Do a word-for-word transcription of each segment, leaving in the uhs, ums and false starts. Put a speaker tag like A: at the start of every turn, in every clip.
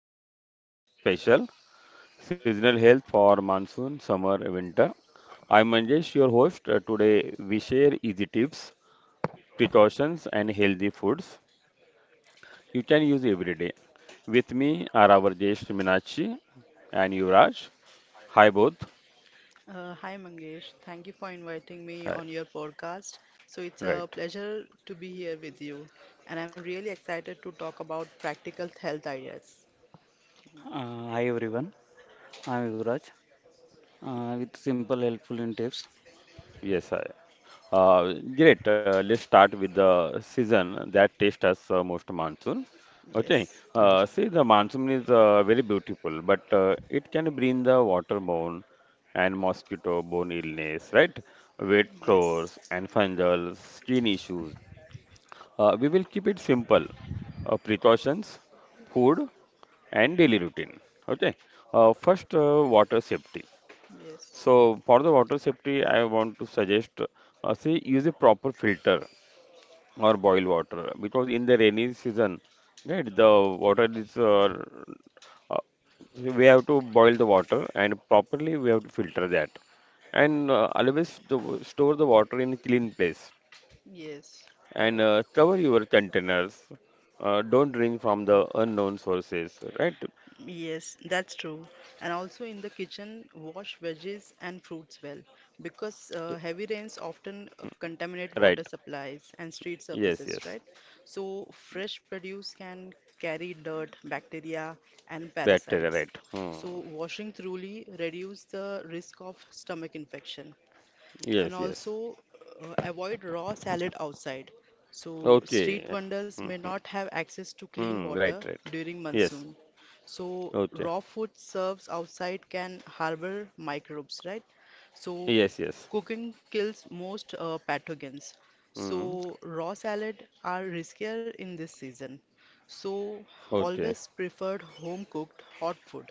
A: uh, welcome to our health special, seasonal health for monsoon, summer, winter. I'm Manjesh, your host. Uh, today we share easy tips, precautions and healthy foods you can use every day. With me are our guests Minachi and Yuvraj. Hi both.
B: Uh, hi Mangesh, thank you for inviting me
A: Hi.
B: on your podcast. So it's a
A: Right.
B: pleasure to be here with you, and I'm really excited to talk about practical health ideas.
C: Uh, hi everyone, I'm Yuvraj uh, with simple helpful in tips.
A: Yes, hi. Uh, great. Uh, let's start with the season that tastes us uh, most, monsoon. Okay.
B: Yes,
A: Uh,
C: Yes,
A: see, the monsoon is uh, very beautiful, but uh, it can bring the waterborne and mosquito-borne illness, right? Wet
B: yes,
A: floors and fungal skin issues. Uh, we will keep it simple. Uh, precautions, food, and daily routine. Okay. Uh, first, uh, water safety.
B: yes,
A: So for the water safety, I want to suggest, uh, see, use a proper filter or boil water because in the rainy season, right, the water is uh, uh, so we have to boil the water, and properly we have to filter that, and uh, always the, w- store the water in a clean place,
B: yes,
A: and
B: correct.
A: uh, cover your containers. Uh, don't drink from the unknown sources, right?
B: Yes, that's true. And also in the kitchen, wash veggies and fruits well because uh, heavy rains often uh, contaminate
A: Right.
B: water supplies and street
A: Yes,
B: surfaces,
A: yes.
B: right? So fresh produce can carry dirt, bacteria, and
A: Bacteria, right.
B: parasites.
A: Hmm.
B: So washing thoroughly reduce the risk of stomach infection. And
A: Yes, yes.
B: also uh, avoid raw salad outside. So street
A: Okay.
B: vendors may not have access to clean
A: Mm, right,
B: water
A: right.
B: during
A: Yes.
B: monsoon. So
A: Okay.
B: raw food served outside can harbor microbes, right? So
A: Yes, yes.
B: cooking kills most uh, pathogens.
A: Mm,
B: So raw salad are riskier in this season. So
A: okay.
B: always preferred home cooked hot food.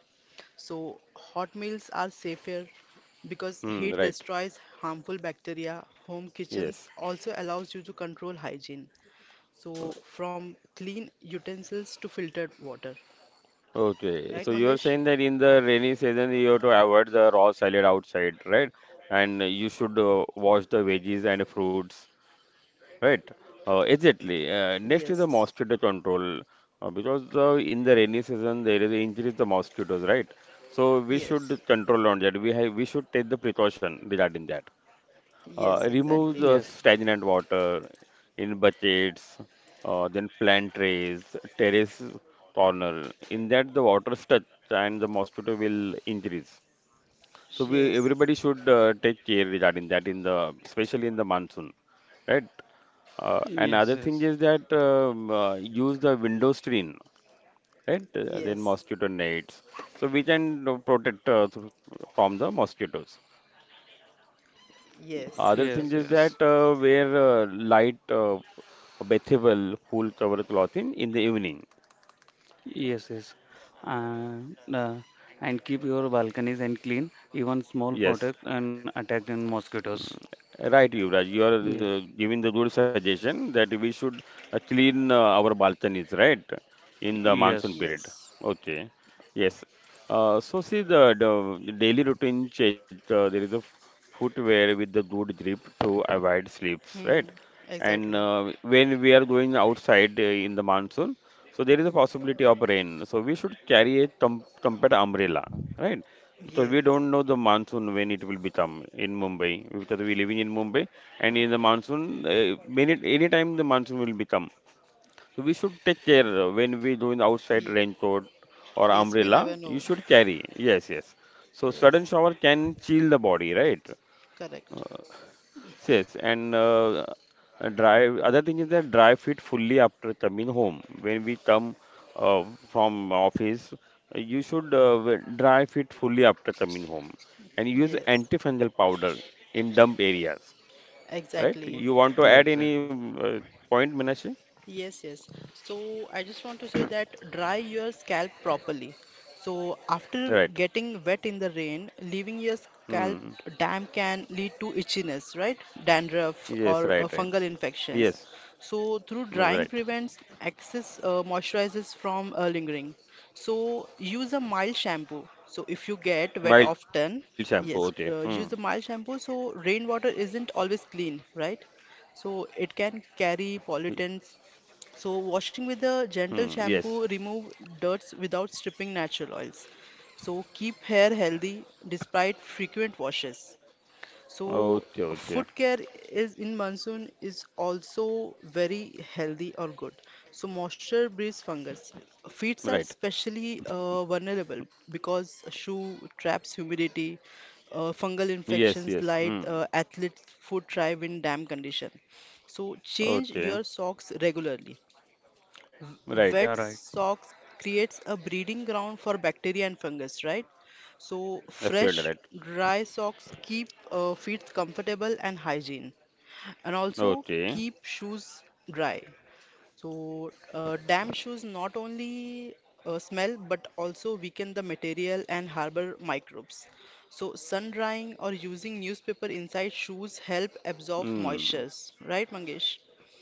B: So hot meals are safer because
A: Mm,
B: heat
A: right.
B: destroys harmful bacteria. Home kitchens
A: Yes.
B: also allows you to control hygiene. So from clean utensils to filtered water,
A: Okay.
B: right,
A: So you're
B: Mangesh?
A: saying that in the rainy season you have to avoid the raw salad outside, right? And you should uh, wash the veggies and fruits, right? Uh, exactly. Uh, next is the
B: Yes.
A: mosquito control. Uh, because uh, in the rainy season there is increase the mosquitoes, right? So we
B: Yes,
A: should control on that. We have we should take the precaution regarding that. Uh,
B: yes,
A: remove
B: exactly.
A: the
C: yes,
A: stagnant water in buckets, uh, then plant trays, terrace corner. In that, the water stuck and the mosquito will increase. So we
B: Yes,
A: everybody should uh, take care regarding that in the, especially in the monsoon, right? Uh, and
C: yes,
A: other thing
C: yes,
A: is that um, uh, use the window screen, right? Uh, then
B: yes,
A: mosquito nets, so we can uh, protect, uh, thro- from the mosquitoes.
B: yes,
A: Other thing
C: yes,
B: exactly.
A: is
C: yes,
A: that uh, wear uh, light, uh, bathable, full cover clothing in the evening.
C: yes, yes. Uh, uh, and keep your balconies and clean, even small
A: Yes.
C: protect and attack in mosquitoes.
A: Right, Yuvraj, you are uh,
C: Yes,
A: giving the good suggestion that we should uh, clean uh, our balconies, right, in the monsoon
C: yes,
A: period.
B: Yes,
A: Okay, yes. Uh, so see the, the daily routine change. Uh, there is a f- footwear with the good grip to avoid slips,
B: hmm,
A: right? And
B: exactly.
A: uh, when we are going outside uh, in the monsoon, so there is a possibility of rain. So we should carry a thumb, trumpet umbrella, right? So
B: Yes,
A: we don't know the monsoon when it will become in Mumbai because we living in Mumbai, and in the monsoon, uh, many any time the monsoon will become. So we should take care uh, when we do in outside
B: Ye-
A: raincoat or
B: yes, we
A: umbrella.
B: never
A: You
B: know.
A: should carry. Yes, yes. So
B: Yes,
A: sudden shower can chill the body, right?
B: correct.
A: Uh, Yes, and uh, uh, drive. Other thing is that drive it fully after coming home. When we come uh, from office, uh, you should uh, w- dry fit fully after coming home, and use
B: Yes,
A: antifungal powder in dump areas. Right?
B: exactly.
A: You want to add any
C: exactly.
A: uh, point, Minashi?
B: Yes, yes. So I just want to say that dry your scalp properly. So after
A: Right.
B: getting wet in the rain, leaving your scalp
A: Hmm.
B: damp can lead to itchiness, right? Dandruff
A: Yes. Right.
B: or uh,
A: Right.
B: fungal
A: Yes.
B: infections. So through
A: Mm,
B: drying
A: right.
B: prevents excess uh, moisturizes from uh, lingering. So use a mild shampoo. So if you get wet
A: Mild shampoo.
B: often,
A: Okay. Hmm.
B: yes, uh, use a mild shampoo so rainwater isn't always clean, right? So it can
A: Y-
B: carry pollutants so washing with a
A: Hmm.
B: gentle
A: Yes.
B: shampoo remove dirts without stripping natural oils. So keep hair healthy despite frequent washes. So
A: Okay. Okay.
B: foot care is in monsoon is also very healthy or good. So moisture breeds fungus.
A: Right.
B: Feet are especially uh, vulnerable because shoe traps humidity, uh, fungal
A: Yes. Yes. Hmm.
B: infections, light uh, athlete's foot thrive in damp condition. So
A: Okay.
B: change your socks regularly.
A: Right.
B: Wet
C: Yeah, right.
B: socks creates a breeding ground for bacteria and fungus, right? So fresh
A: Absolutely right.
B: dry socks keep uh, feet comfortable and hygiene. And also
A: Okay.
B: keep shoes dry. So uh, damp shoes not only uh, smell but also weaken the material and harbor microbes. So sun drying or using newspaper inside shoes help absorb
A: Hmm.
B: moistures, right, Mangesh?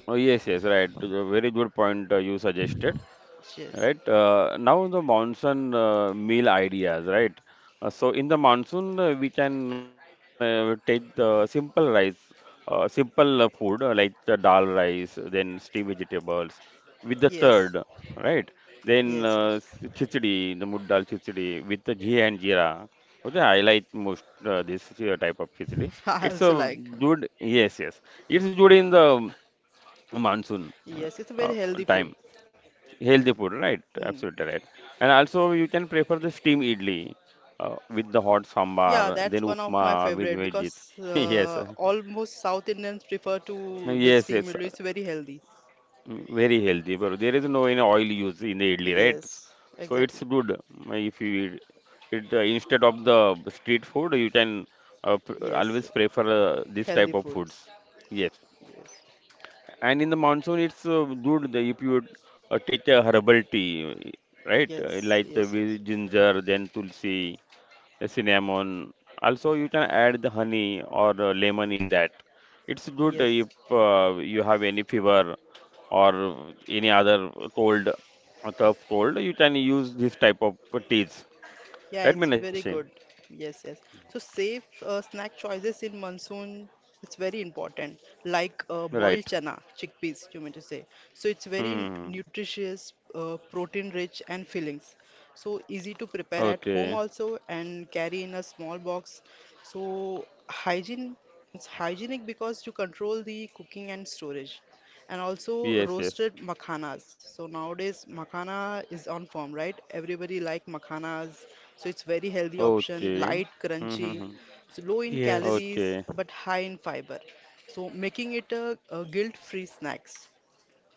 A: Oh, yes, yes, right. Very good point uh, you suggested.
B: Yes,
A: Right. Uh, now the monsoon uh, meal ideas, right? Uh, so in the monsoon, uh, we can uh, take the simple rice, uh, simple uh, food uh, like the dal rice, then steamed vegetables with the third,
B: yes,
A: right? Then
B: yes,
A: uh,
B: yes.
A: s- khichdi, the mood dal khichdi with the ghee and jeera. Okay, I like most uh, this uh, type of khichdi.
B: I
A: It's
B: also
A: a
B: like.
A: good, yes, yes. It's
B: Ye-
A: good in the monsoon uh,
B: Yes, it's a
A: uh,
B: very healthy
A: time.
B: food.
A: Healthy food, right?
B: Hmm.
A: Absolutely right. And also you can prefer the steam idli uh, with the hot
B: Yeah,
A: sambar, then
B: that's one of my
A: upma with
B: favorite
A: veggies.
B: because
A: Yes,
B: uh,
A: uh,
B: almost South Indians prefer to the
A: yes,
B: steam
A: yes.
B: noodle.
A: uh,
B: It's very healthy.
A: mm, Very healthy, bro. There is no any oil used in the idli, right? S-
B: Yes,
A: So it's
B: exactly.
A: good, mm, if you eat it uh, instead of the street food. You can uh, pr
B: Yes,
A: always prefer uh, this type
B: healthy
A: of foods.
B: foods.
A: Yes. And in the monsoon, it's uh, good, the- if you uh, take a herbal tea, right? Uh,
B: Yes,
A: Like the
B: yes,
A: with
B: yes,
A: ginger, then tulsi, uh, cinnamon. Also, you can add the honey or uh, lemon in that. It's good
B: yes.
A: if uh, you have any fever or any other cold, uh, tough cold. You can use this type of teas.
B: Yeah,
A: Right,
B: it's very
A: Minashi?
B: good. Yes, yes. So safe uh, snack choices in monsoon it's very important. Like uh,
A: Right.
B: boiled chana, chickpeas, you mean to say. So it's very
A: Hmm.
B: nutritious, uh, protein rich and fillings. So easy to prepare at
A: Okay.
B: home also and carry in a small box. So hygiene it's hygienic because you control the cooking and storage and
A: Yes.
B: also
A: Yes.
B: roasted makhanas. So nowadays makhana is on form, right? Everybody like makhanas. So it's very healthy option,
A: Okay.
B: light,
A: Hmm. Hmm, hmm.
B: crunchy, so low in
C: Yes,
A: Okay.
B: calories but high in fiber. So making it a, a guilt-free snacks.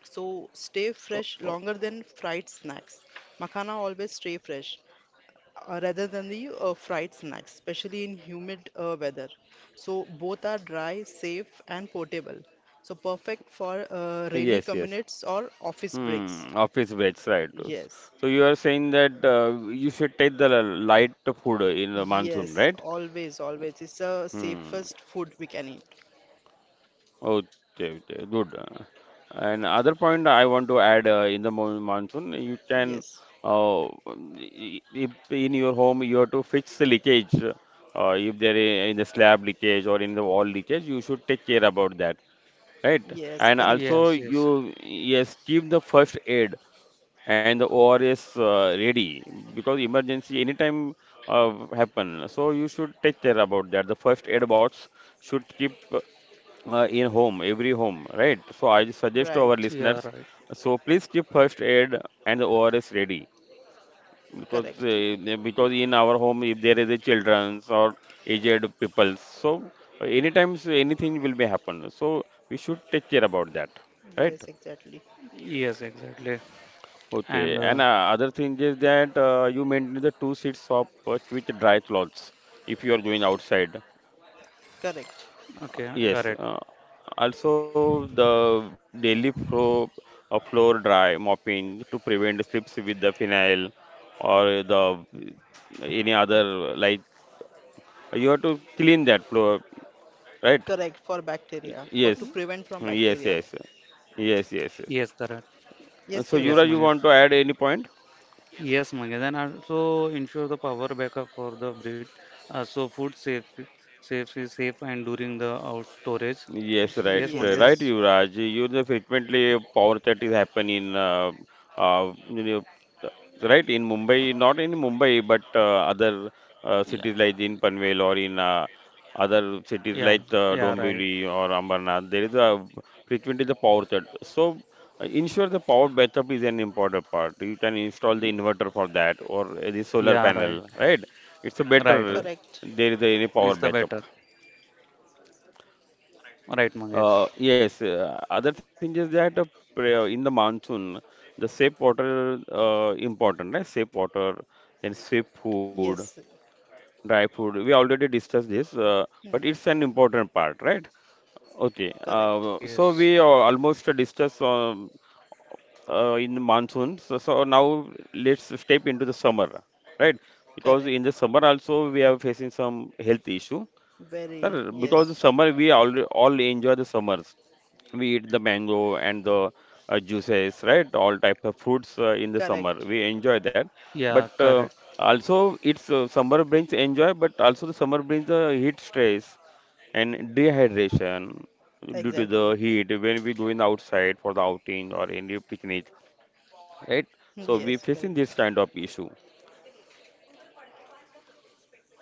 B: So stay fresh longer than fried snacks. Makhana always stay fresh uh, rather than the uh, fried snacks, especially in humid uh, weather. So both are dry, safe, and portable. So perfect for uh, rainy
A: Yes, yes.
B: commutes or office breaks.
A: Hmm, office veg, right.
B: Yes,
A: So you are saying that uh, you should take the light food in the monsoon,
B: yes,
A: right?
B: always, always. It's the
A: Hmm.
B: safest food we can eat.
A: Okay, okay, good. And other point I want to add uh, in the mon- monsoon, you can,
B: Yes,
A: uh, i- if in your home you have to fix the leakage. Uh, if there is in the slab leakage or in the wall leakage, you should take care about that, right?
B: yes,
A: And
B: correct.
A: also
C: yes, yes.
A: you, yes, keep the first aid and the O R S uh, ready because emergency anytime uh, happen. So you should take care about that. The first aid box should keep uh, uh, in home, every home, right? So I suggest to
B: Right,
A: our listeners,
C: Yeah, right.
A: so please keep first aid and the O R S ready because
B: correct.
A: uh, because in our home if there is a children's or aged people, so uh, anytime so anything will be happen. So we should take care about that, right?
B: Yes, exactly.
C: Yes, exactly.
A: Okay,
C: And
A: and
C: uh,
A: uh, other thing is that uh, you maintain the two sheets of uh, with dry cloths if you are going outside.
B: Correct,
C: okay,
A: Yes,
C: correct.
A: uh, also the daily pro uh, floor dry mopping to prevent the slips with the phenyl or the any other, like you have to clean that floor, right?
B: correct for
A: Y-
B: bacteria, for
A: Yes,
B: to prevent from
A: yes,
B: bacteria.
A: yes,
B: Yes,
A: yes, yes, yes.
C: Yes, correct.
B: yes,
A: So Yura,
B: Yuvraj.
C: Yes,
A: you
C: Mangesh.
A: want to add any point?
C: Yes, Mangesh, and also ensure the power backup for the breed, uh, so food safe, safe is safe and during the out storage.
A: Yes, right,
C: Yes,
A: uh,
B: Yes,
C: Mangesh.
A: right,
B: yes,
A: Yuvraj. You know, frequently power cut is happen in, Uh, uh, you know, th- right in Mumbai, not in Mumbai, but uh, other
C: Yeah.
A: uh, cities like in Panvel or in uh, other
C: Yeah,
A: cities
C: yeah,
A: like
C: right.
A: uh, Dombivli or Ambernath, there is a frequently the power cut. So uh, ensure the power backup is an important part. You can install the inverter for that or uh, the solar
C: Yeah,
A: panel,
C: right.
A: right? It's a better
C: Right, right.
B: correct.
A: there is any power
C: Is the
A: backup.
C: better. Right, Mangesh.
A: Uh, yes, uh, other thing is that uh, pre- uh, in the monsoon, the safe water uh, important, right? Safe water, then safe food,
B: Yes.
A: dry food. We already discussed this, uh,
B: Hmm.
A: but it's an important part, right? Okay.
B: Correct,
A: Uh, so
C: Yes.
A: we uh, almost discussed um, uh, in the monsoon. So, so now let's step into the summer, right? Because
B: correct,
A: in the summer also we are facing some health issue,
B: very,
A: Sir, because
B: yes,
A: the summer we all all enjoy the summers. We eat the mango and the uh, juices, right? All type of fruits uh, in the summer.
B: correct,
A: We enjoy that. But
C: Yeah,
A: uh,
C: correct.
A: also, it's uh, summer brings enjoy, but also the summer brings the heat stress and dehydration due to the
B: exactly,
A: heat when we going outside for the outing or any picnic, right? So we
B: yes,
A: facing
B: correct,
A: this kind of issue,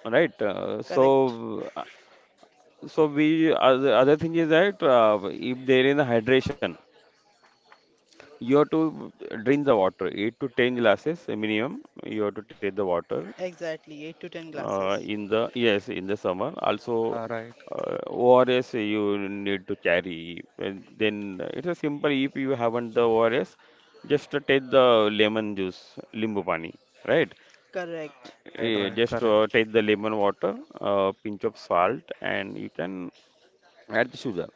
A: right? Uh,
B: correct,
A: so So we other other thing is that uh, if there is a hydration, you have to drink the water, eight to ten glasses minimum. You have to take the water
B: exactly, eight to ten
A: uh,
B: glasses,
A: in the, yes, in the summer. Also,
C: Yeah, right.
A: uh, O R S you need to carry. And then it's a simple. If you haven't the O R S, just uh, take the lemon juice, limbu pani, right?
B: correct,
C: Right,
A: Eh,
C: right,
A: Just uh,
C: correct.
A: take the lemon water, uh, pinch of salt, and you can add the sugar.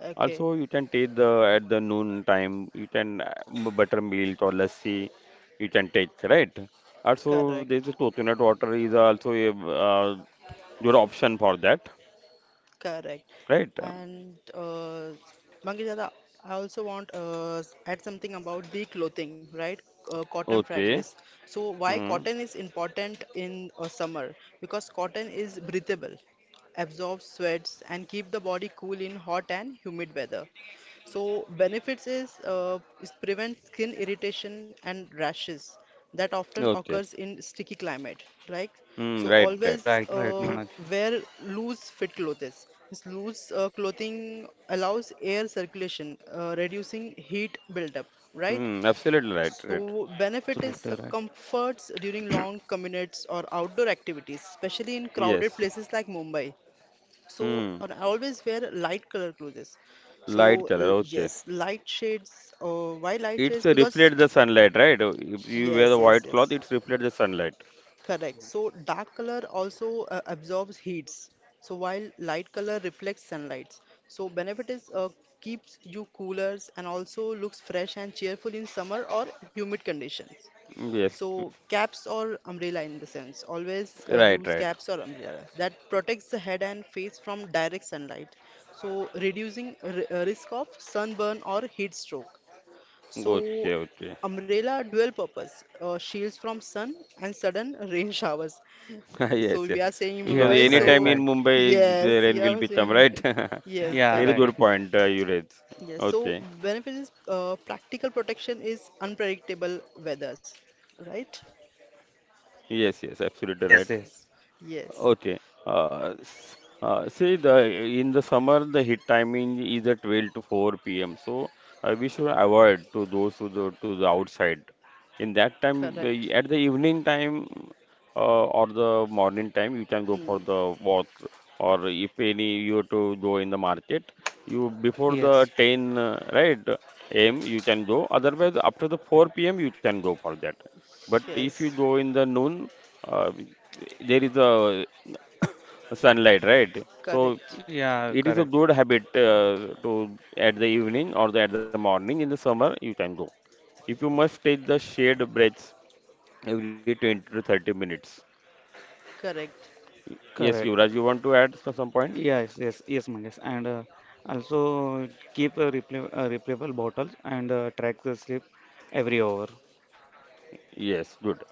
B: okay,
A: Also, you can take the at the noon time, you can uh, m- buttermilk or lassi, you can take, right? Also,
B: correct,
A: there's a coconut water is also a uh, good option for that,
B: correct.
A: right?
B: And uh, Mangesh Dada, I also want uh, add something about the clothing, right? Uh, cotton
A: Okay.
B: fragrance. So why
A: Hmm.
B: cotton is important in uh, summer? Because cotton is breathable, absorbs sweats, and keep the body cool in hot and humid weather. So benefits is uh, is prevent skin irritation and rashes that often
A: Okay.
B: occurs in sticky climate. Like
A: Hmm.
B: so,
A: Right. Right.
B: always
C: Right, right,
B: uh,
C: Manoj.
B: wear loose fit clothes. This loose uh, clothing allows air circulation, uh, reducing heat buildup. Right.
A: Hmm. Absolutely right. Right.
B: So benefit is uh,
C: Absolutely right.
B: comforts during long commutes or outdoor activities, especially in crowded
A: Yes.
B: places like Mumbai. So,
A: Hmm.
B: and I always wear light color clothes.
A: Light
B: So,
A: color.
B: l-
A: Okay.
B: yes, light shades. Uh, why light
A: It's
B: shades?
A: uh,
B: Because,
A: reflect the sunlight, right? If you
B: yes,
A: wear the
B: yes,
A: white
B: yes.
A: cloth, it's reflect the sunlight.
B: Correct. So, dark color also uh, absorbs heats. So, while light color reflects sunlight. So, benefit is uh, keeps you coolers and also looks fresh and cheerful in summer or humid conditions.
A: Yes.
B: So caps or umbrella in the sense, always uh,
A: Right.
B: use
A: Right.
B: caps or umbrellas that protects the head and face from direct sunlight. So reducing r- uh, risk of sunburn or heat stroke. So
A: Okay. Okay.
B: umbrella dual purpose uh, shields from sun and sudden rain showers. So
A: Yes,
B: we
A: yes.
B: are saying in
A: Because
B: Mumbai.
C: Yes,
A: any
B: So
C: right,
A: time in
C: right.
A: Mumbai,
B: yes,
A: the rain
B: you
A: will
B: are
A: become,
B: saying
A: right?
B: yes,
C: Yeah,
A: Very
B: correct.
C: right.
A: good point, uh, you raised.
B: Yes. So
A: Okay.
B: benefit is uh, practical protection is unpredictable weathers, right?
A: Yes, yes, absolutely right.
C: Yes, yes.
B: Yes.
A: Okay. Uh, s- uh, see the in the summer the hit timing is at twelve to four p m. So uh, we should avoid to those to the to the outside. In that time, uh,
B: Correct.
A: at the evening time uh, or the morning time, you can go
B: Hmm.
A: for the walk. Or if any you have to go in the market, you before the
C: Yes.
A: ten uh, right a m you can go. Otherwise, after the four p m you can go for that. But if you
B: Yes.
A: go in the noon, uh, there is a sunlight, right? So
B: Correct.
C: Yeah,
A: it
C: correct.
A: is a good habit uh, to at the evening or the, at the morning in the summer you can go. If you must take the shade breaths every twenty to thirty minutes.
B: Correct.
A: Y- Yes,
C: Correct.
A: Yuvraj, you want to add so- some point?
C: Yes, yes, yes, Mangesh. And uh, also keep a repla uh, replayable bottles and uh, track the sleep every hour.
A: Yes, good.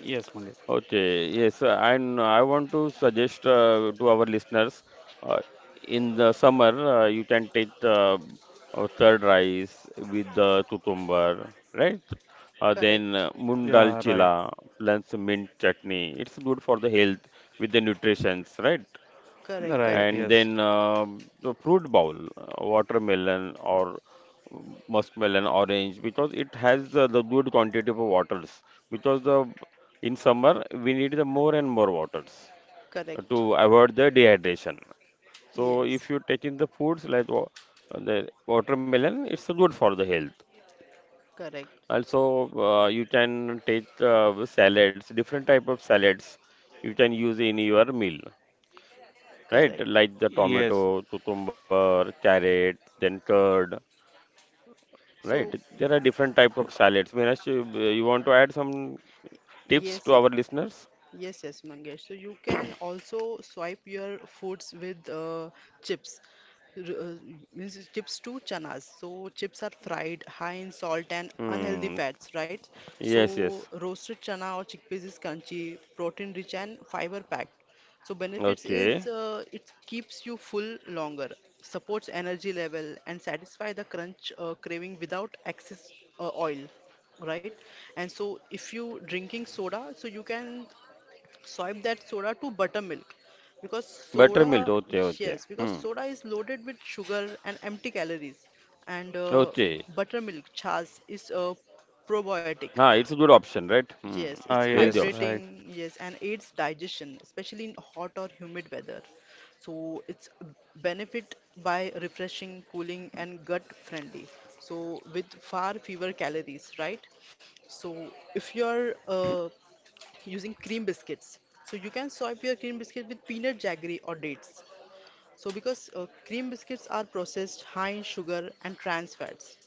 C: Yes, Mangesh.
A: Okay, yes, uh, and I want to suggest uh, to our listeners uh, in the summer uh, you can take the uh, third rice with the tutumbar, right? Uh, then
B: Correct.
A: uh, moong dal
C: Yeah, right.
A: chila plus mint chutney. It's good for the health with the nutritions, right?
B: Correct.
C: Right,
B: Correct.
A: And
C: yes.
B: Correct.
A: then um the fruit bowl, uh, watermelon or muskmelon, orange, because it has the, the good quantity of waters. Because the in summer we need the more and more waters
B: Correct.
A: to avoid the dehydration. So
B: Yes.
A: if you take in the foods like wa- the watermelon, it's good for the health.
B: Correct.
A: Also, uh, you can take uh, salads, different type of salads you can use in your meal, right?
B: Correct.
A: Like the
C: Yes.
A: tomato, cucumber, carrot, then curd,
B: So,
A: right? There are different type of salads. Meenakshi, you you want to add some tips
B: yes.
A: to our listeners?
B: Yes, yes, Mangesh. So you can also swipe your foods with uh, chips. R- uh, means it's chips to chanas. So chips are fried, high in salt and unhealthy
A: Hmm.
B: fats, right?
A: Yes,
B: So
A: yes.
B: roasted chana or chickpeas is crunchy, protein rich and fiber packed. So benefits is
A: Okay.
B: uh, it keeps you full longer, supports energy level and satisfy the crunch uh, craving without excess uh, oil, right? And so if you drinking soda, so you can swipe that soda to buttermilk because soda
A: Buttermilk. Okay, okay.
B: yes because
A: Hmm.
B: soda is loaded with sugar and empty calories and uh,
A: Okay.
B: buttermilk chas is uh, probiotic.
A: Ah, it's a good option, right? Hmm.
B: Yes,
C: It's Good.
B: it's
C: Ah,
A: Healthy
C: yes,
A: option.
C: right.
B: hydrating, yes, and aids digestion, especially in hot or humid weather. So it's benefit by refreshing, cooling, and gut friendly. So with far fewer calories, right? So if you're uh, using cream biscuits, so you can swap your cream biscuit with peanut jaggery or dates. So because uh, cream biscuits are processed high in sugar and trans fats,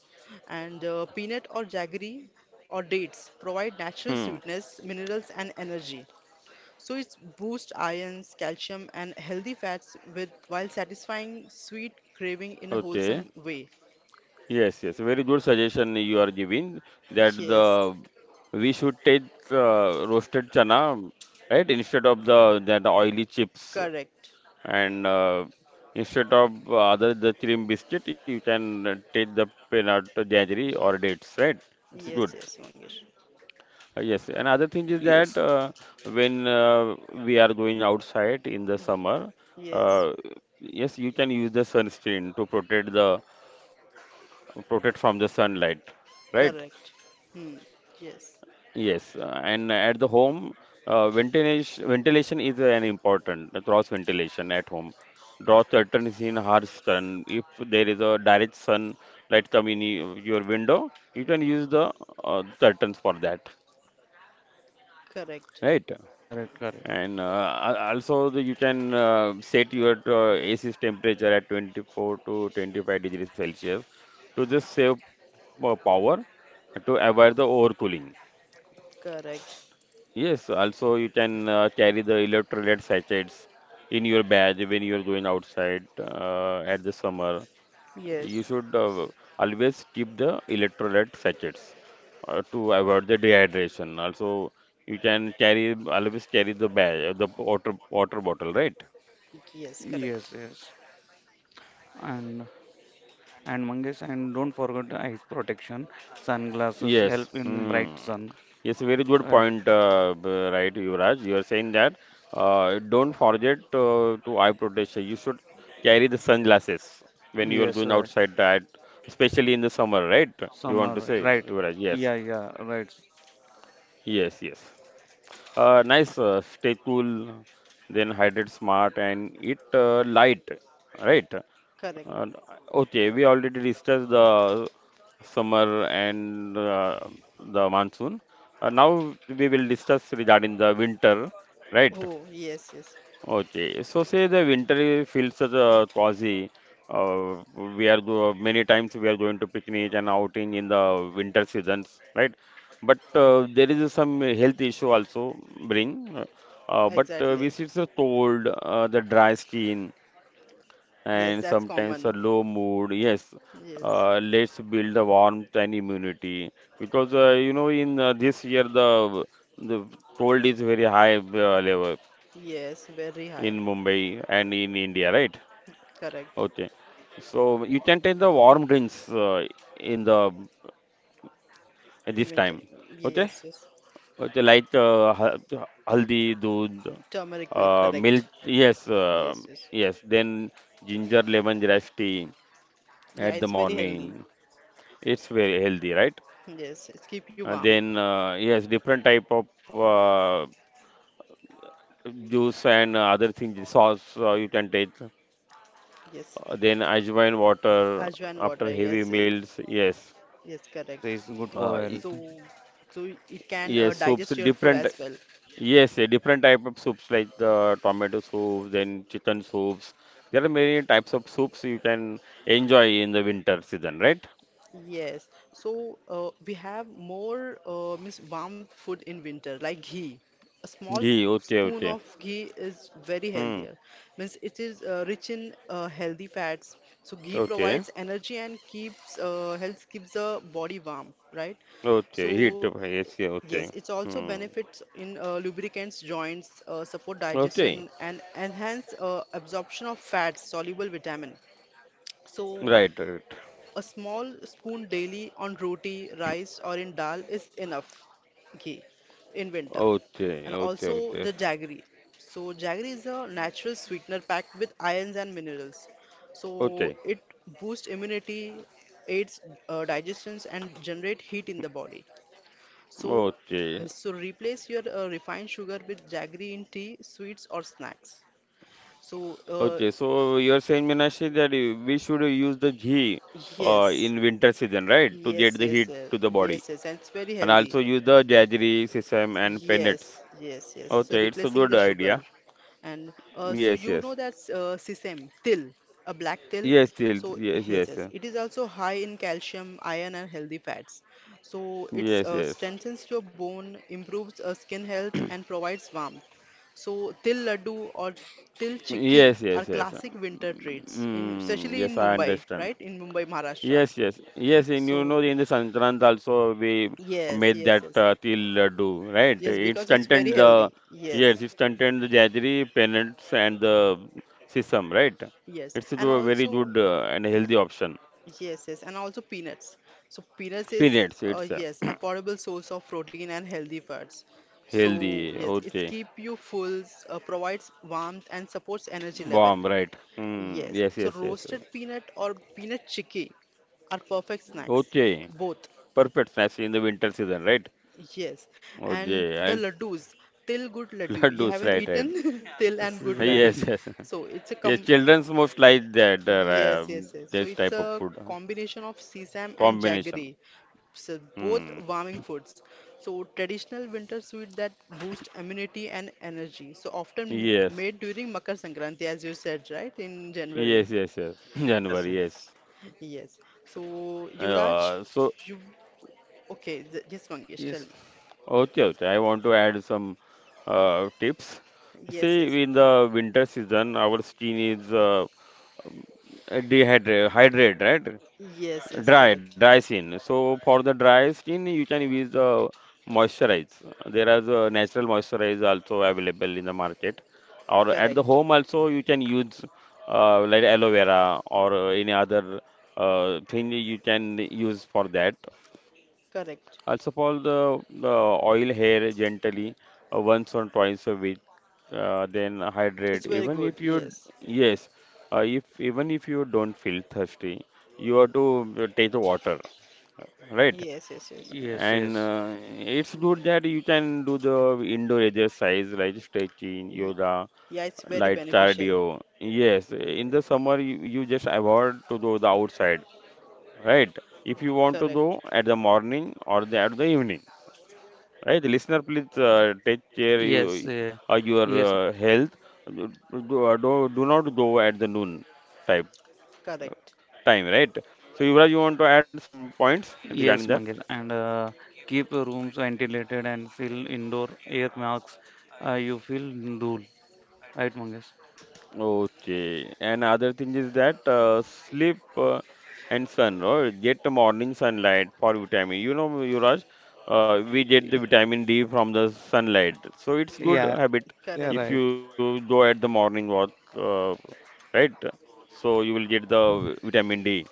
B: and uh, peanut or jaggery or dates provide natural
A: Hmm.
B: sweetness, minerals, and energy. So it boosts ions, calcium, and healthy fats with while satisfying sweet craving in a
A: Okay.
B: wholesome way.
A: Yes, yes. Very good suggestion you are giving that the
B: Yes,
A: we should take uh, roasted chana, right? Instead of the that oily chips
B: correct.
A: and uh, instead of uh, other the cream biscuit you can uh, take the peanut jaggery or dates, right? It's
B: Yes,
A: good.
B: yes, Mangesh.
A: Uh, yes, another thing is that
C: Yes.
A: uh, when uh, we are going outside in the summer,
B: Yes,
A: uh, yes, you can use the sunscreen to protect the protect from the sunlight, right?
B: correct. Hmm. Yes,
A: Yes, uh, and at the home, uh, ventilation, ventilation is an important uh, cross ventilation at home. Draw curtains in harsh sun. If there is a direct sun light come in y- your window, you can use the uh, curtains for that,
B: correct.
A: right?
C: Correct, correct.
A: And uh, al- also the, you can uh, set your uh, A C's temperature at twenty-four to twenty-five degrees Celsius to just save uh, power to avoid the overcooling.
B: Correct.
A: Yes, also you can uh, carry the electrolyte sachets in your bag when you are going outside uh, at the summer. You
B: Yes.
A: should uh, always keep the electrolyte sachets uh, to avoid the dehydration. Also, you can carry, always carry the bag, the water water bottle, right?
B: Yes, correct.
C: Yes, yes. And and Mangesh, and don't forget the eyes protection. Sunglasses
A: Yes.
C: help in
A: Hmm.
C: bright sun.
A: Yes, very good
C: Right.
A: point, uh, b- right, Yuvraj. You are saying that uh, don't forget uh, to eye protection. You should carry the sunglasses when you are
C: Yes,
A: going
C: right.
A: outside, that especially in the summer, right? You want to
C: Summer,
A: say,
C: right.
A: Yuvraj? Yes.
C: Yeah, yeah, right.
A: Yes, yes. Uh, nice. Uh, stay cool, then hydrate smart and eat uh, light, right?
B: Correct.
A: Uh, okay, we already discussed the summer and uh, the monsoon. Uh, now we will discuss regarding the winter, right?
B: Oh, yes, yes.
A: Okay, so say the winter i- feels such a cozy. Uh, we are go Many times we are going to picnic and outing in the winter seasons, right? But uh, there is some health issue also bring. Uh, but uh, we
B: Exactly.
A: see the cold, uh, the dry skin,
B: Yes,
A: and
B: that's
A: sometimes
B: common.
A: a low mood. Yes,
B: Yes.
A: uh, let's build the warmth and immunity because uh, you know in uh, this year the the cold is very high uh, level in
B: Yes,
A: Mumbai
B: very high.
A: and in India, right? Okay,
B: Correct.
A: so you can take the warm drinks uh, in the at this time.
B: Inventory. Yes,
A: Okay,
B: yes.
A: okay, like uh, hal- haldi, doodh,
B: Turmeric milk,
A: uh,
B: correct.
A: milk. Yes, uh,
B: Yes, yes.
A: yes. Then ginger lemon grass tea
B: Yeah,
A: at the
B: it's very healthy.
A: morning. It's very healthy, right?
B: Yes, it's keep you
A: And
B: warm.
A: then uh, yes, different type of uh, juice and uh, other things, sauce uh, you can take.
B: Yes.
A: Uh, then ajwain water
B: Ajwain
A: after
B: water.
A: heavy
B: Yes, yes,
A: meals. Yes,
B: yes,
C: Yes,
B: correct.
C: it's good
A: uh,
C: for
A: y-
C: health.
B: So, so it can uh,
A: yes,
B: digest
A: soups
B: your food
A: different.
B: as well.
A: Yes, yeah, different type of soups like the tomato soup, then chicken soups. There are many types of soups you can enjoy in the winter season, right?
B: Yes, so uh, we have more uh, means warm food in winter, like ghee. A small
A: Gee, okay,
B: spoon
A: okay.
B: of ghee is very
A: Hmm,
B: healthier. Means it is uh, rich in uh, healthy fats. So ghee
A: okay.
B: provides energy and keeps uh, health keeps the body warm, right?
A: Okay, heat
B: So
A: of A C,
B: yes,
A: okay.
B: it's also
A: Hmm.
B: benefits in uh, lubricants, joints, uh, support
A: Okay,
B: digestion, and enhance uh, absorption of fats, soluble vitamin. So
A: right, right.
B: a small spoon daily on roti, rice, or in dal is enough ghee in winter.
A: Okay,
B: And
A: okay,
B: also
A: okay,
B: the jaggery. So, jaggery is a natural sweetener packed with ions and minerals. So,
A: okay,
B: it boosts immunity, aids uh, digestions, and generate heat in the body. So,
A: okay,
B: so replace your uh, refined sugar with jaggery in tea, sweets, or snacks. So, uh,
A: okay. So you are saying, Minashi, that you- we should use the ghee uh,
B: yes,
A: in winter season, right, to
B: yes,
A: get the
B: yes,
A: heat
B: yes,
A: to the body,
B: yes, yes, and it's very
A: and
B: healthy.
A: also use the jaggery, sesame, and
B: Yes,
A: peanuts.
B: yes, yes. So
A: Okay, it's a
B: replacing
A: good
B: the sugar.
A: idea.
B: And uh, so
A: Yes,
B: you know
A: yes,
B: that's uh, sesame, till, a black till.
A: yes, still,
B: So
A: yes, yes,
B: yes, yes.
A: yes,
B: It is also high in calcium, iron, and healthy fats. So it
A: yes,
B: uh,
A: yes,
B: strengthens your bone, improves uh, skin health, and provides warmth. So till laddu or till chikki
A: yes,
B: are
A: yes, yes.
B: classic winter treats, in
A: Mm,
B: especially
A: yes,
B: in
A: I
B: Mumbai,
A: understand.
B: right? In Mumbai, Maharashtra.
A: Yes, yes, yes. And you know,
B: So
A: in the Sankrant also we
B: yes,
A: made
B: yes,
A: that
B: yes,
A: uh, til laddu, right?
B: yes.
A: It
B: Because it's very
A: stunted
B: healthy.
A: the yes,
B: Yes.
A: it stunted the jaggery, peanuts, and the sesame, right?
B: Yes,
A: It's a
B: and
A: do- very
B: also
A: good uh, and
B: y-
A: healthy option.
B: yes, yes, and also peanuts. So peanuts is
A: Peanuts,
B: uh,
A: it's uh,
B: yes, affordable source of protein and healthy fats. So
A: healthy.
B: yes, it
A: Okay,
B: keep you full, uh, provides warmth and supports energy level.
A: bomb, right? Hmm.
B: Yes,
A: Yes,
B: so
A: yes, yes.
B: roasted peanut or peanut chicky are perfect snacks.
A: Okay,
B: Both.
A: perfect snack in the winter season, right?
B: Yes, and
A: Okay,
B: the
A: and
B: laddus, till good laddu. You
A: laddus,
B: haven't
A: right, right.
B: eaten till and
C: Yes,
B: good
C: is right.
A: Yes,
B: laddus.
A: yes.
B: So it's a
A: Yes,
B: com
A: children's most like that uh,
B: Yes, yes,
A: um,
B: yes. So
A: this
B: it's
A: type of
B: a
A: food uh,
B: combination of sesame and
A: combination.
B: jaggery, so both
A: Hmm.
B: warming foods. So traditional winter sweet that boost immunity and energy. So often
A: Yes.
B: made during Makar Sankranti, as you said, right, in January.
A: Yes. Yes. Yes.
C: Yes,
A: January. Yes.
B: Yes. So Yuvraj,
A: Uh, so
B: you okay? th- Yes, Mangesh, tell
C: yes,
B: me.
A: okay, okay. I want to add some uh, tips.
B: Yes, yes,
A: See, in the winter season, our skin is uh, uh, dehydrate, hydrate, right?
B: yes, yes.
A: Dry, dry
B: Correct,
A: skin. So for the dry skin, you can use the moisturize. There is a natural moisturize also available in the market, or at the
B: correct,
A: home also you can use uh, like aloe vera or uh, any other uh, thing you can use for that.
B: correct.
A: Also pour the, the oil hair gently uh, once or twice a week. Uh, then
B: It's
A: hydrate.
B: very
A: Even
B: good.
A: if you
B: Yes,
A: yes, uh, if even if you don't feel thirsty, you have to uh, take the water, right?
B: yes, yes, yes.
C: yes, yes,
A: And
C: yes,
A: uh, it's good that you can do the indoor exercise like stretching,
B: Ye-
A: yoga,
B: Yeah, it's very
A: light
B: beneficial.
A: cardio. Yes, in
B: Yes,
A: the summer you, you just avoid to do the outside, right? If you want to do
B: correct.
A: at the morning or the, at the evening. Right, listener, please uh, take care
C: yes,
A: you,
C: eh,
A: uh, your
C: yes,
A: uh, health. Do, do, uh, do do not go at the noon type
B: Correct,
A: time, right? So, Yuvraj, you want to add some points
C: yes,
A: regarding that?
C: Mangesh. And uh, keep your rooms ventilated and fill indoor air masks. Uh, you feel dull, right, Mangesh?
A: Okay, and other thing is that uh, sleep uh, and sun, or get the morning sunlight for vitamin. You know, Yuvraj, uh, we get the vitamin D from the sunlight, so it's good
C: Yeah,
A: habit
C: yeah,
B: correct,
C: right.
A: if you go at the morning walk, uh, right? So you will get the vitamin D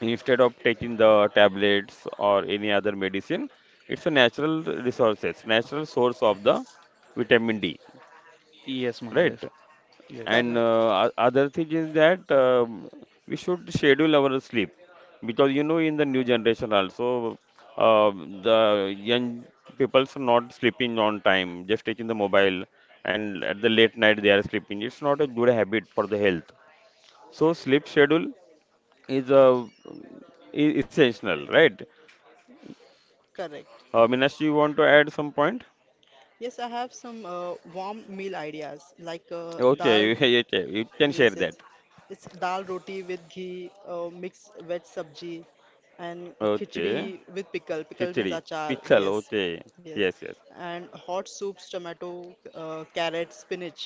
A: instead of taking the tablets or any other medicine. It's a natural resources, natural source of the vitamin D,
C: Yes,
A: right?
C: Mangesh. Yes.
A: And
B: correct,
A: uh, o- other thing is that um we should schedule our sleep because you know in the new generation also uh, the young people are not sleeping on time, just taking the mobile and at the late night they are sleeping. It's not a good habit for the health. So sleep schedule is uh, e- essential, right?
B: correct.
A: Uh, Minash, you want to add some point?
B: Yes, I have some uh, warm meal ideas like uh, dal.
A: Okay, okay, you can share
B: Yes,
A: that.
B: it's it's dal roti with ghee, uh, mixed veg sabji, and
A: Okay,
B: khichdi with pickle. Pickle
A: khichdi,
B: means achar.
A: pickle,
B: Yes,
A: okay,
B: yes,
A: yes, yes.
B: and hot soups, tomato, uh, carrot, spinach.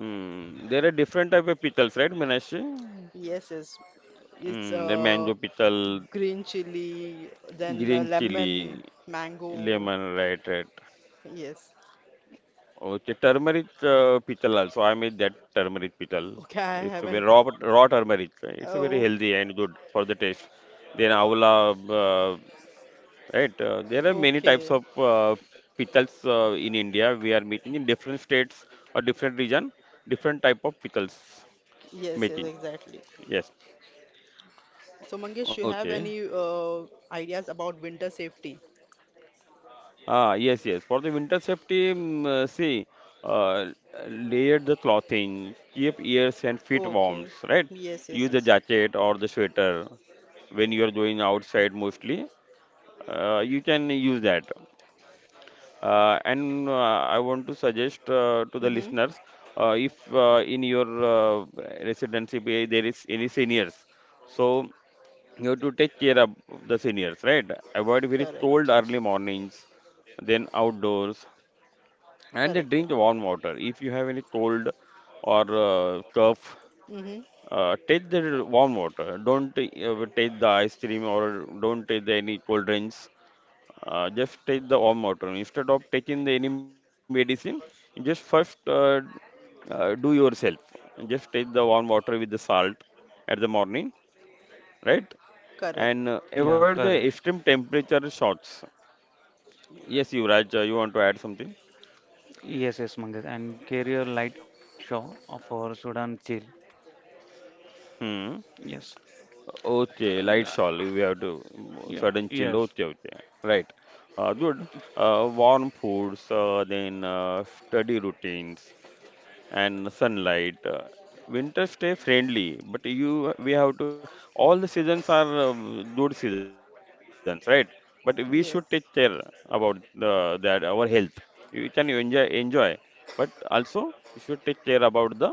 A: Mm, there are different type of pickles, right, Meenakshi?
B: Yes, yes, it's
A: Mm, the
B: uh,
A: mango pickle,
B: green chili, then uh,
A: green chili,
B: lemon, mango.
A: lemon, right, right.
B: Yes.
A: Okay, turmeric uh, pickle also. I made that turmeric pickle.
B: Okay, I
A: It's a very
B: haven't
A: raw, raw turmeric. It's a very
B: oh,
A: healthy and good for the taste. Then avla, uh, right? Uh, there are many types
B: okay.
A: of uh, pickles uh, in India. We are making in different states or different region, different type of pickles
B: Yes, yes,
A: making.
B: exactly.
A: Yes.
B: So, Mangesh, you have
A: Okay.
B: any uh, ideas about winter safety?
A: Ah, yes, yes. For the winter safety, mm, uh, see, uh, layer the clothing, keep ears and feet warm,
B: Okay.
A: right?
B: Yes, yes,
A: Use the
B: yes, yes.
A: jacket or the sweater when you are going outside mostly. Uh, you can use that. Uh, and uh, I want to suggest uh, to the
B: Mm-hmm.
A: listeners, uh, if uh, in your uh, residency be- there is any seniors, so you have to take care of the seniors, right? Avoid very cold
B: Correct.
A: early mornings, then outdoors, and then
B: Correct,
A: drink
B: correct.
A: warm water. If you have any cold or uh, cough,
B: Mm-hmm.
A: uh, take the warm water. Don't uh, take the ice cream or don't take the any cold drinks. Uh, just take the warm water. Instead of taking the any medicine, you just first uh, uh, do yourself. Just take the warm water with the salt at the morning, right?
B: Correct.
A: And uh,
C: Yeah,
A: avoid the
C: correct.
A: extreme temperature shots. Yes, Yuvraj, uh, you want to add something?
C: Yes, yes, Mangesh. And carry a light show for Sudan chill.
A: Hmm.
C: Yes. Uh,
A: Okay,
C: yeah,
A: light shawl. We have to
C: yeah,
A: sudden
C: yes.
A: chill. Okay, okay. Right. Uh, good. Uh, warm foods, uh, then uh, study routines, and sunlight. Uh, winter stay friendly, but you we have to all the seasons are uh, good seasons, right? But we should take care
B: Yes.
A: about the, that our health. You can enjoy enjoy, but also you should take care about the health,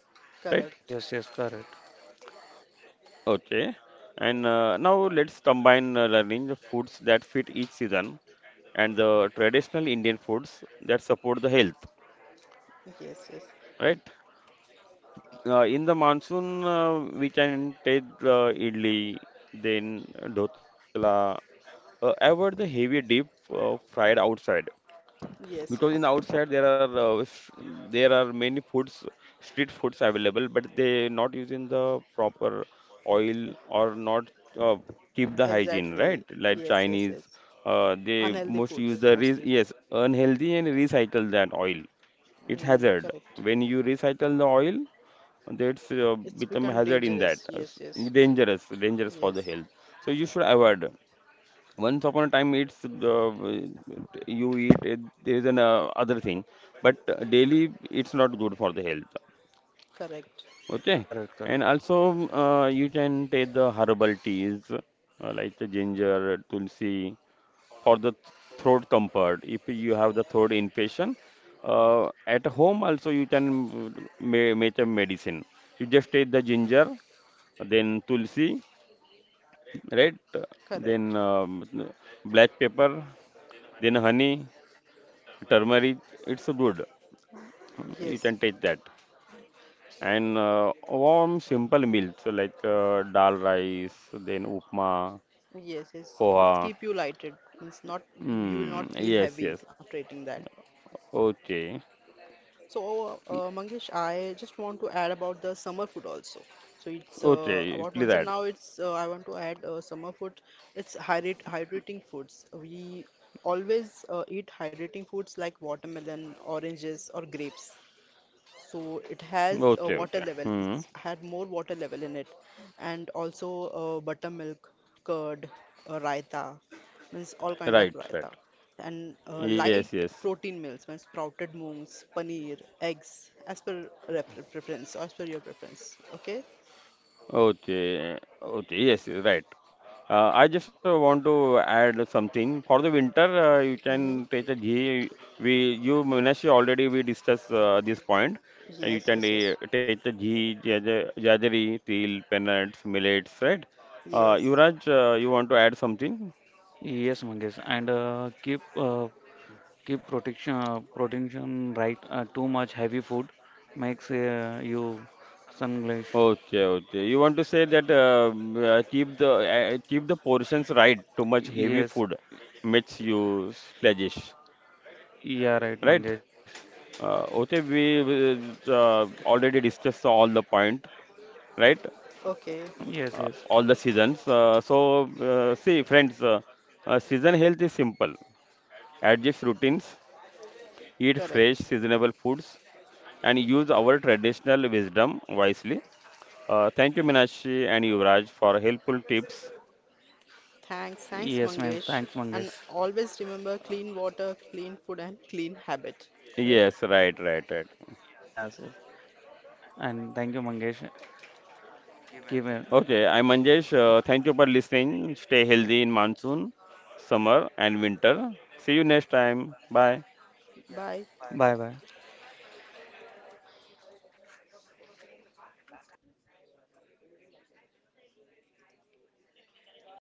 A: right?
B: Correct.
C: Yes, yes, correct.
A: Okay. And uh, now let's combine uh, learning the foods that fit each season and the traditional Indian foods that support the health,
B: Yes, yes.
A: right? Uh, in the monsoon, uh, we can take uh, idli, then dhotla. Uh, avoid the heavy deep uh, fried outside
B: Yes,
A: because
B: yes.
A: in the outside there are uh, s- there are many foods, street foods available, but they not using the proper oil or not uh, keep the hygiene,
B: Exactly.
A: right? Like
B: Yes, yes,
A: Chinese,
B: yes.
A: uh, they
B: Unhealthy
A: most use
B: foods
A: the re
B: mostly.
A: yes unhealthy and recycle that oil. It's
B: Mm,
A: hazard
B: correct.
A: when you recycle the oil that's uh,
B: It's
A: become
B: become
A: hazard in that
B: dangerous.
A: uh,
B: Yes,
A: s-
B: yes.
A: dangerous, dangerous for the
B: Yes.
A: health, so you should avoid. Once upon a time it's the you eat it, there is an uh, other thing, but uh, daily it's not good for the health.
B: Correct.
A: Okay,
C: Correct, correct.
A: and also uh, you can take the herbal teas uh, like the ginger tulsi for the th- throat comfort. If you have the throat infection uh, at home also you can uh, ma- make a medicine. You just take the ginger, then tulsi, right?
B: Correct.
A: Then um, black pepper, then honey, turmeric. It's good. You
B: Yes.
A: can take that. And uh, warm, simple meals like uh, dal rice, then upma,
B: Yes, it's it's
A: poha.
B: keep you lighted. It's not you will not
A: Mm,
B: feel
A: yes,
B: heavy
A: yes.
B: after eating that.
A: Okay.
B: So,
A: Y-
B: uh, Mangesh, I just want to add about the summer food also. So it's uh,
A: Okay,
B: about once
A: please
B: and
A: add.
B: now it's uh, I want to add uh, summer food. It's hydrat hydrating foods. We always uh, eat hydrating foods like watermelon, oranges, or grapes so it
A: Okay,
B: has
A: okay.
B: a water
A: Hmm.
B: level it's had more water level in it and also uh, buttermilk curd uh, raita means all kind of
A: Right,
B: raita
A: right.
B: and uh,
A: Yes,
B: light
A: yes.
B: protein meals means sprouted moons paneer eggs as per ref- preference as per your preference, okay?
A: Okay, okay, yes, yes, right. Uh, I just uh, want to add something. For the winter, uh, you
B: Mm-hmm.
A: can take a ghee. We, you, Minashi, already we discussed uh, this point. And
B: Yes,
A: you can
B: yes, yes,
A: uh, take the ghee, jaja- jaggery, til, peanuts, millets, right? Uh,
B: yes,
A: Yuvraj, uh, you want to add something?
C: Yes, Mangesh. And uh, keep uh, keep protection uh, protection right uh, too much heavy food makes uh, you sunglish.
A: Okay, okay. You want to say that um, uh, keep the uh, keep the portions right. Too much heavy
C: Yes,
A: food makes you sluggish, right?
C: yeah, right, Mangesh.
A: Uh, okay, we we, uh, already discussed all the point, right?
B: okay,
A: Uh,
C: Yes,
A: all
C: yes,
A: the seasons. Uh, so uh, see, friends, uh, uh, season health is simple. Adjust routines, eat fresh,
B: correct.
A: seasonable foods, and use our traditional wisdom wisely. Uh, thank you, Minashi and Yuvraj, for helpful tips.
B: Thanks thanks
C: yes, ma'am.
B: Mangesh,
C: Thanks,
B: and
C: Mangesh.
B: always remember, clean water, clean food, and clean habit, right?
A: Yes, right, right, right.
C: Yes, yes, and thank you, Mangesh. Keep it.
A: Okay, I'm Manjesh. Uh, thank you for listening. Stay healthy in monsoon, summer, and winter. See you next time. Bye.
B: Bye.
C: Bye bye.